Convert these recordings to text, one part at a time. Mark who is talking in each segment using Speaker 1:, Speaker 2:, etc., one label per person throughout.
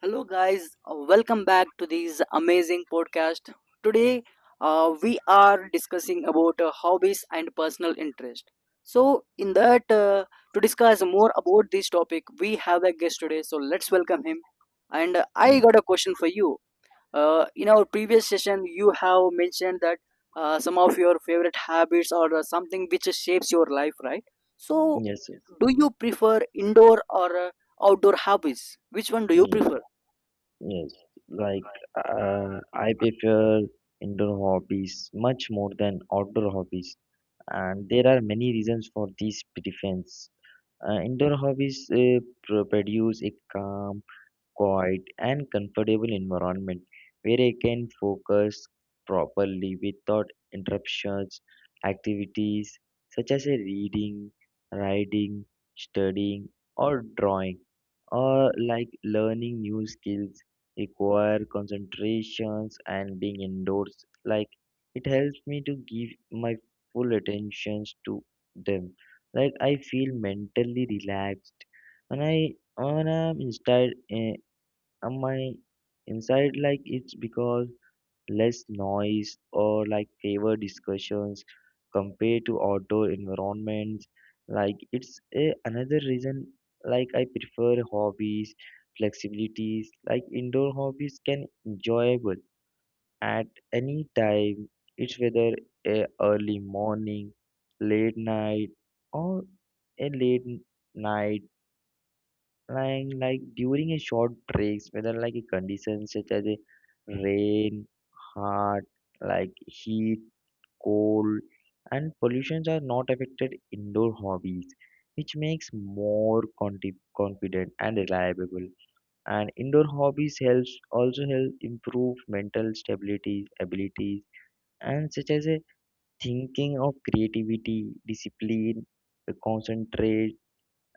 Speaker 1: Hello, guys. Welcome back to this amazing podcast. Today, we are discussing about hobbies and personal interest. So, in that, to discuss more about this topic, we have a guest today. So, let's welcome him. And I
Speaker 2: Mm.
Speaker 1: got a question for you. In our previous session, you have mentioned that some of your favorite habits or something which shapes your life, right? So,
Speaker 2: Yes,
Speaker 1: do you prefer indoor or outdoor hobbies? Which one do you
Speaker 2: yes,
Speaker 1: prefer?
Speaker 2: yes. Like I prefer indoor hobbies much more than outdoor hobbies, and there are many reasons for this preference. Indoor hobbies produce a calm, quiet, and comfortable environment where I can focus properly without interruptions. Activities such as a reading, writing, studying, or drawing, or like learning new skills, require concentrations and being indoors. Like it helps me to give my full attentions to them. Like I feel mentally relaxed when I'm inside. Am I inside? Like it's because less noise or like favor discussions compared to outdoor environments, like it's a, another reason. Like I prefer hobbies flexibilities, like indoor hobbies can enjoyable at any time, it's whether a early morning, late night, or a late night, like during a short breaks, whether like a condition such as a rain, hard, like heat, cold, and pollutions are not affected indoor hobbies, which makes more confident and reliable. And indoor hobbies helps also help improve mental stability, abilities, and such as a thinking of creativity, discipline, concentration,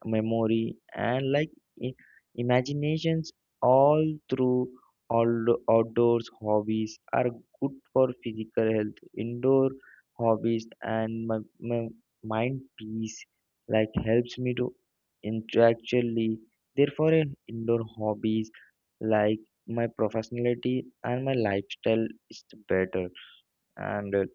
Speaker 2: memory, and like i- imaginations all through all. Outdoors hobbies are good for physical health, indoor hobbies and my mind peace like helps me to intellectually, therefore in indoor hobbies, like my professionality and my lifestyle is better. And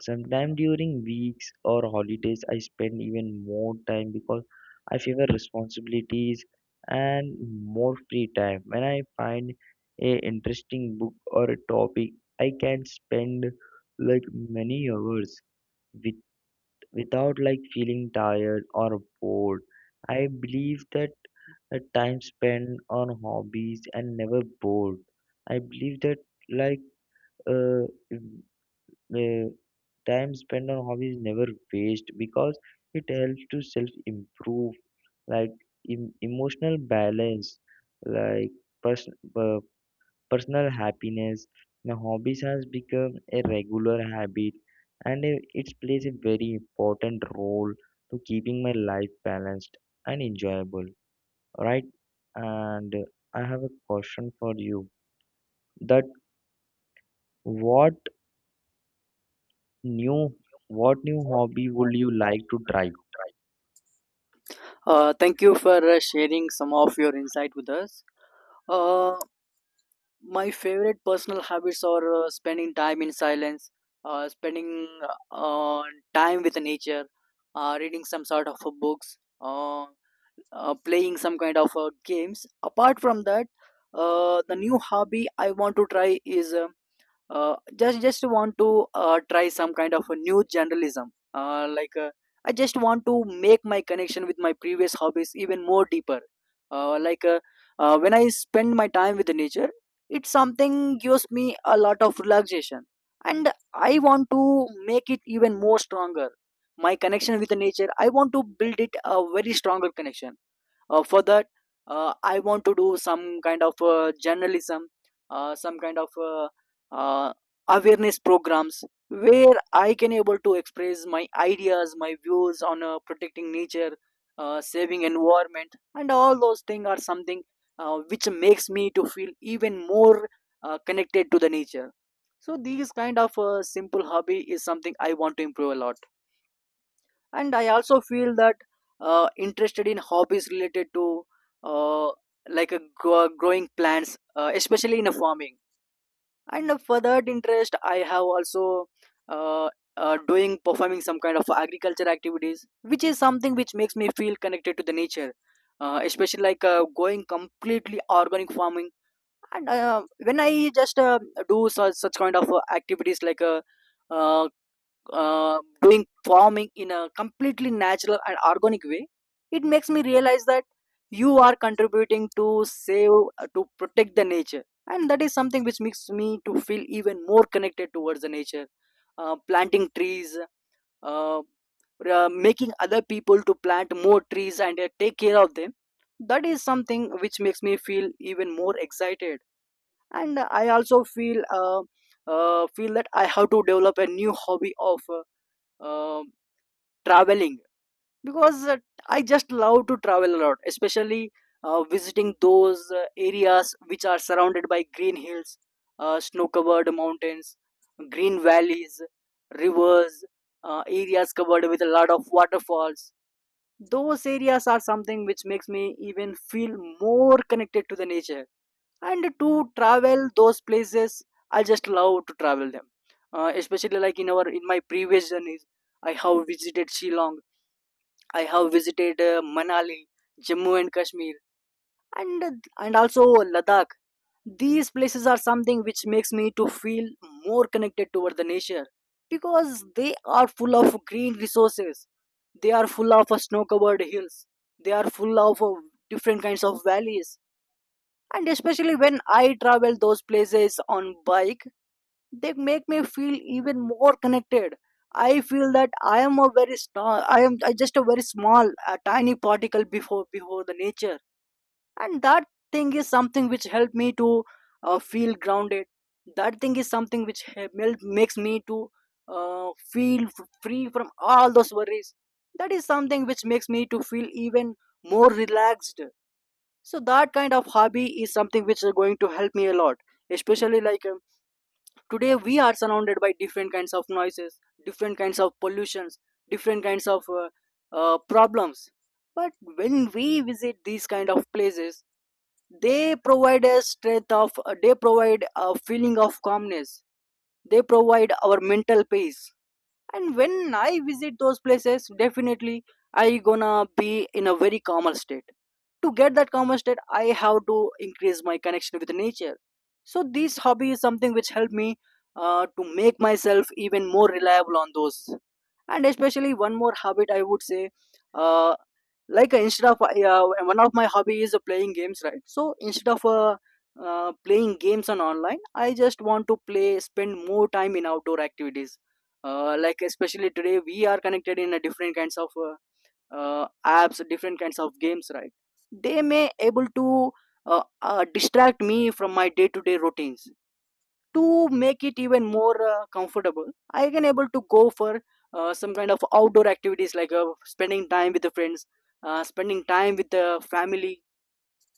Speaker 2: Sometimes during weeks or holidays, I spend even more time because I favor responsibilities and more free time. When I find a interesting book or a topic, I can spend like many hours with without like feeling tired or bored. I believe that a time spent on hobbies and never bored. I believe that like uh, mm, uh, time spent on hobbies never waste because it helps to self improve, like emotional balance, like pers- uh, personal happiness. Now hobbies has become a regular habit, and it plays a very important role to keeping my life balanced and enjoyable, right? And I have a question for you, that what new what new hobby would you like to try?
Speaker 1: Thank you for sharing some of your insight with us. Uh, my favorite personal habits are spending time in silence, spending uh, time with nature, reading some sort of books, playing some kind of games. Apart from that, the new hobby I want to try is just want to try some kind of a new journalism. I just want to make my connection with my previous hobbies even more deeper, uh, like uh, when I spend my time with the nature, it's something gives me a lot of relaxation, and I want to make it even more stronger. My connection with the nature, I want to build it a very stronger connection. For that, I want to do some kind of journalism, some kind of uh, awareness programs where I can able to express my ideas, my views on protecting nature, saving environment, and all those things are something which makes me to feel even more connected to the nature. So these kind of simple hobby is something I want to improve a lot, and I also feel that interested in hobbies related to uh, growing plants, especially in a farming, and for that interest I have also uh, doing performing some kind of agriculture activities, which is something which makes me feel connected to the nature. Especially like going completely organic farming, and when I just do such kind of activities like uh, doing farming in a completely natural and organic way. It makes me realize that you are contributing to save, to protect the nature, and that is something which makes me to feel even more connected towards the nature. Planting trees, uh, making other people to plant more trees and take care of them, that is something which makes me feel even more excited. And I also feel feel that I have to develop a new hobby of um, traveling, because I just love to travel a lot, especially visiting those areas which are surrounded by green hills, snow covered mountains, green valleys, rivers, areas covered with a lot of waterfalls. Those areas are something which makes me even feel more connected to the nature, and to travel those places, I just love to travel them. Especially in my previous journeys, I have visited Shillong, I have visited Manali, Jammu and Kashmir, and and also Ladakh. These places are something which makes me to feel more connected toward the nature, because they are full of green resources, they are full of snow covered hills, they are full of different kinds of valleys. And especially when I travel those places on bike, they make me feel even more connected. I feel that I just a very small a tiny particle before the nature, and that thing is something which helped me to feel grounded. That thing is something which makes me to free from all those worries. That is something which makes me to feel even more relaxed. So that kind of hobby is something which is going to help me a lot, especially like today we are surrounded by different kinds of noises, different kinds of pollutions, different kinds of problems. But when we visit these kind of places, they provide a feeling of calmness, they provide our mental peace. And when I visit those places, definitely I gonna be in a very calmer state. To get that calmer state, I have to increase my connection with nature. So this hobby is something which helped me to make myself even more reliable on those. And especially one more habit I would say, uh, like instead of yeah, one of my hobby is playing games, right? So instead of playing games on online, I just want to play spend more time in outdoor activities, like especially today we are connected in a different kinds of apps, different kinds of games, right? They may able to distract me from my day to day routines. To make it even more comfortable, I can able to go for some kind of outdoor activities like spending time with the friends, spending time with the family.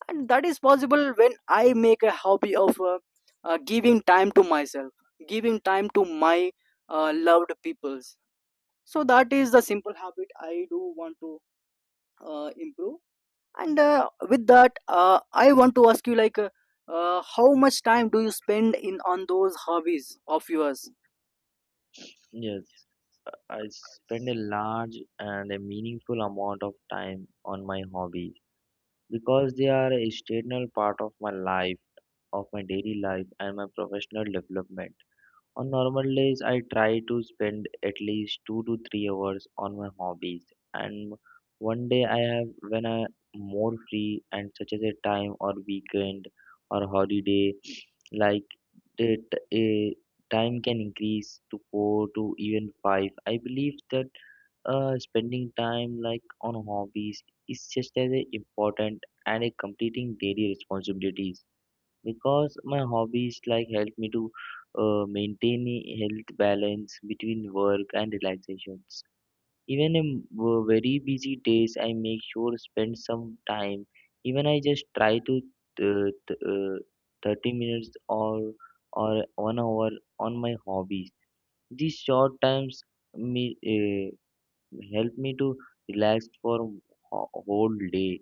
Speaker 1: And that is possible when I make a hobby of giving time to myself, giving time to my loved peoples. So that is the simple habit I do want to improve. And with that, I want to ask you like how much time do you spend in on those hobbies of yours?
Speaker 2: Yes, I spend a large and a meaningful amount of time on my hobbies because they are a external part of my life, of my daily life, and my professional development. On normal days, I try to spend at least 2 to 3 hours on my hobbies, and one day I have when I more free and such as a time or weekend or holiday, like the t- eh, time can increase to four to even five. I believe that spending time like on hobbies is just as important and a completing daily responsibilities because my hobbies like help me to maintain a health balance between work and relaxation. Even in very busy days, I make sure spend some time. Even I just try to 30 minutes or 1 hour on my hobbies. These short times me uh, help me to relax for a whole day,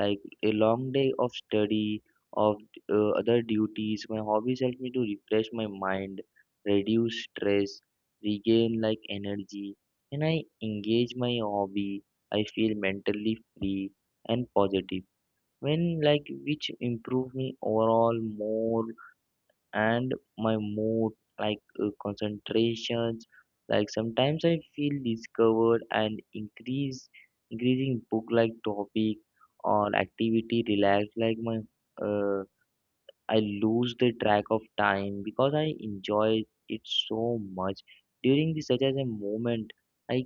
Speaker 2: like a long day of study, of other duties. My hobbies help me to refresh my mind, reduce stress, regain like energy. When I engage my hobby, I feel mentally free and positive, when like which improve me overall more, and my mood, like concentrations. Like sometimes I feel discovered and increase increasing book like topic or activity relax like my uh, I lose the track of time because I enjoy it so much. During the such as a moment, I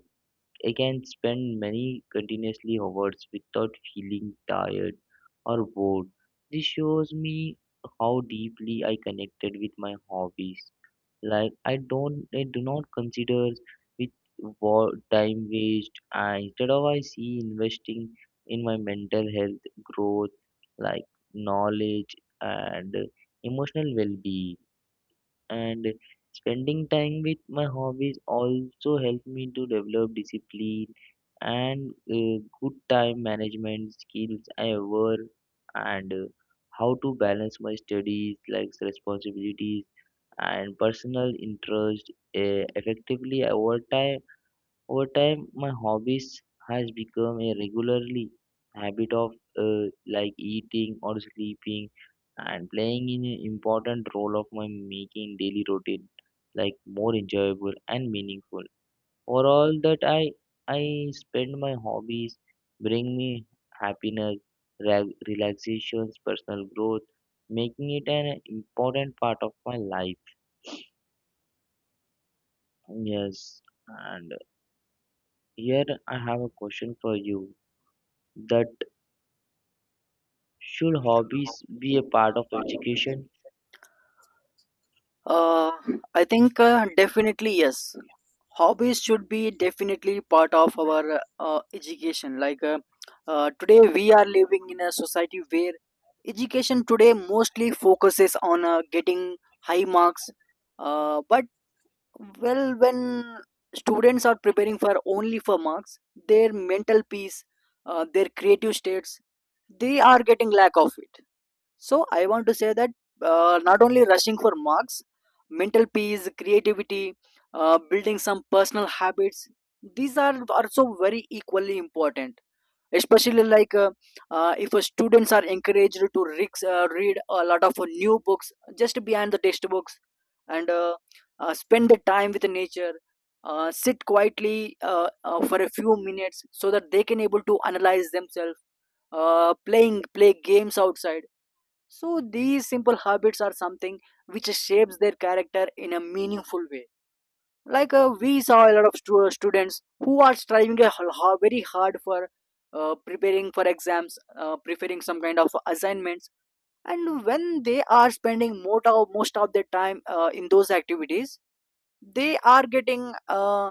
Speaker 2: I can spend many continuously hours without feeling tired or bored. This shows me how deeply I connected with my hobbies. Like I do not consider it time waste. And instead of I see investing in my mental health, growth, like knowledge and emotional well-being, and spending time with my hobbies also help me to develop discipline and good time management skills I were, and how to balance my studies like responsibilities and personal interest effectively over time, my hobbies has become a regularly habit of like eating or sleeping, and playing in an important role of my making daily routine like more enjoyable and meaningful. For all that I spend my hobbies bring me happiness, relaxations, personal growth, making it an important part of my life. Yes, and here I have a question for you, that should hobbies be a part of education?
Speaker 1: Uh, i think definitely yes, hobbies should be definitely part of our education. Today we are living in a society where education today mostly focuses on getting high marks, but well, when students are preparing for only for marks, their mental peace, their creative states, they are getting lack of it. So I want to say that not only rushing for marks, mental peace, creativity, building some personal habits, these are also very equally important. Especially like if students are encouraged to read a lot of new books just behind the textbooks, and spend the time with nature. Sit quietly for a few minutes so that they can able to analyze themselves, play games outside. So these simple habits are something which shapes their character in a meaningful way. Like we saw a lot of students who are striving very hard for preparing for exams, preparing some kind of assignments, and when they are spending most of their time in those activities, they are getting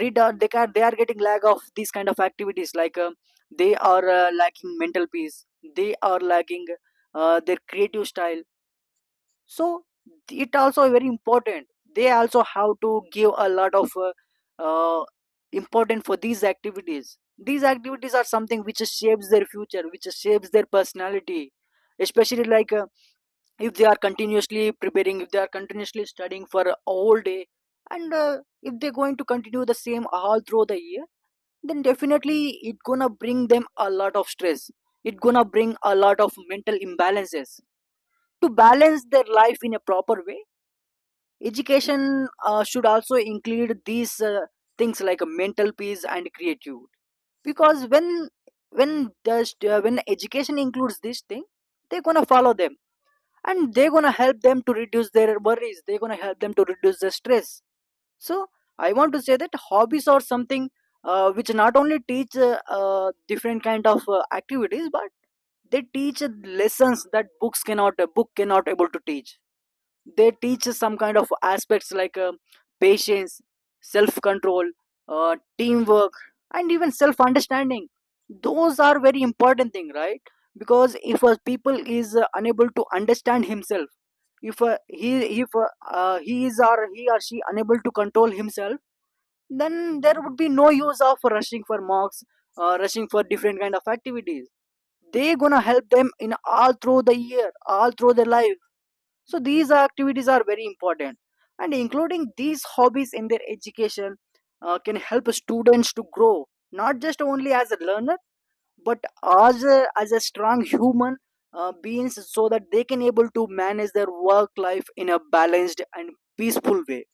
Speaker 1: rid, or they are getting lack of these kind of activities. Like they are lacking mental peace, they are lacking their creative style. So it also very important, they also have to give a lot of uh, important for these activities. These activities are something which shapes their future, which shapes their personality. Especially like if they are continuously preparing, if they are continuously studying for a whole day, and if they're going to continue the same all through the year, then definitely it gonna bring them a lot of stress, it gonna bring a lot of mental imbalances. To balance their life in a proper way, education should also include these things like mental peace and creativity. Because when education includes this thing, they're gonna follow them, and they're gonna help them to reduce their worries, they're gonna help them to reduce the stress. So I want to say that hobbies are something which not only teach different kind of activities, but they teach lessons that books cannot a book cannot able to teach. They teach us some kind of aspects like patience, self control, teamwork, and even self understanding. Those are very important thing, right? Because if a people is unable to understand himself, if he is or he or she unable to control himself, then there would be no use of rushing for mocks, rushing for different kind of activities. They gonna help them in all through the year, all through their life. So these activities are very important, and including these hobbies in their education can help students to grow not just only as a learner, but as a strong human beings, so that they can able to manage their work life in a balanced and peaceful way.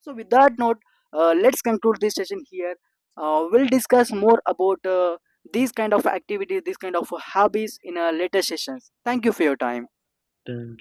Speaker 1: So with that note, let's conclude this session here. We'll discuss more about these kind of activities, these kind of hobbies in a later sessions. Thank you for your time.
Speaker 2: Dun,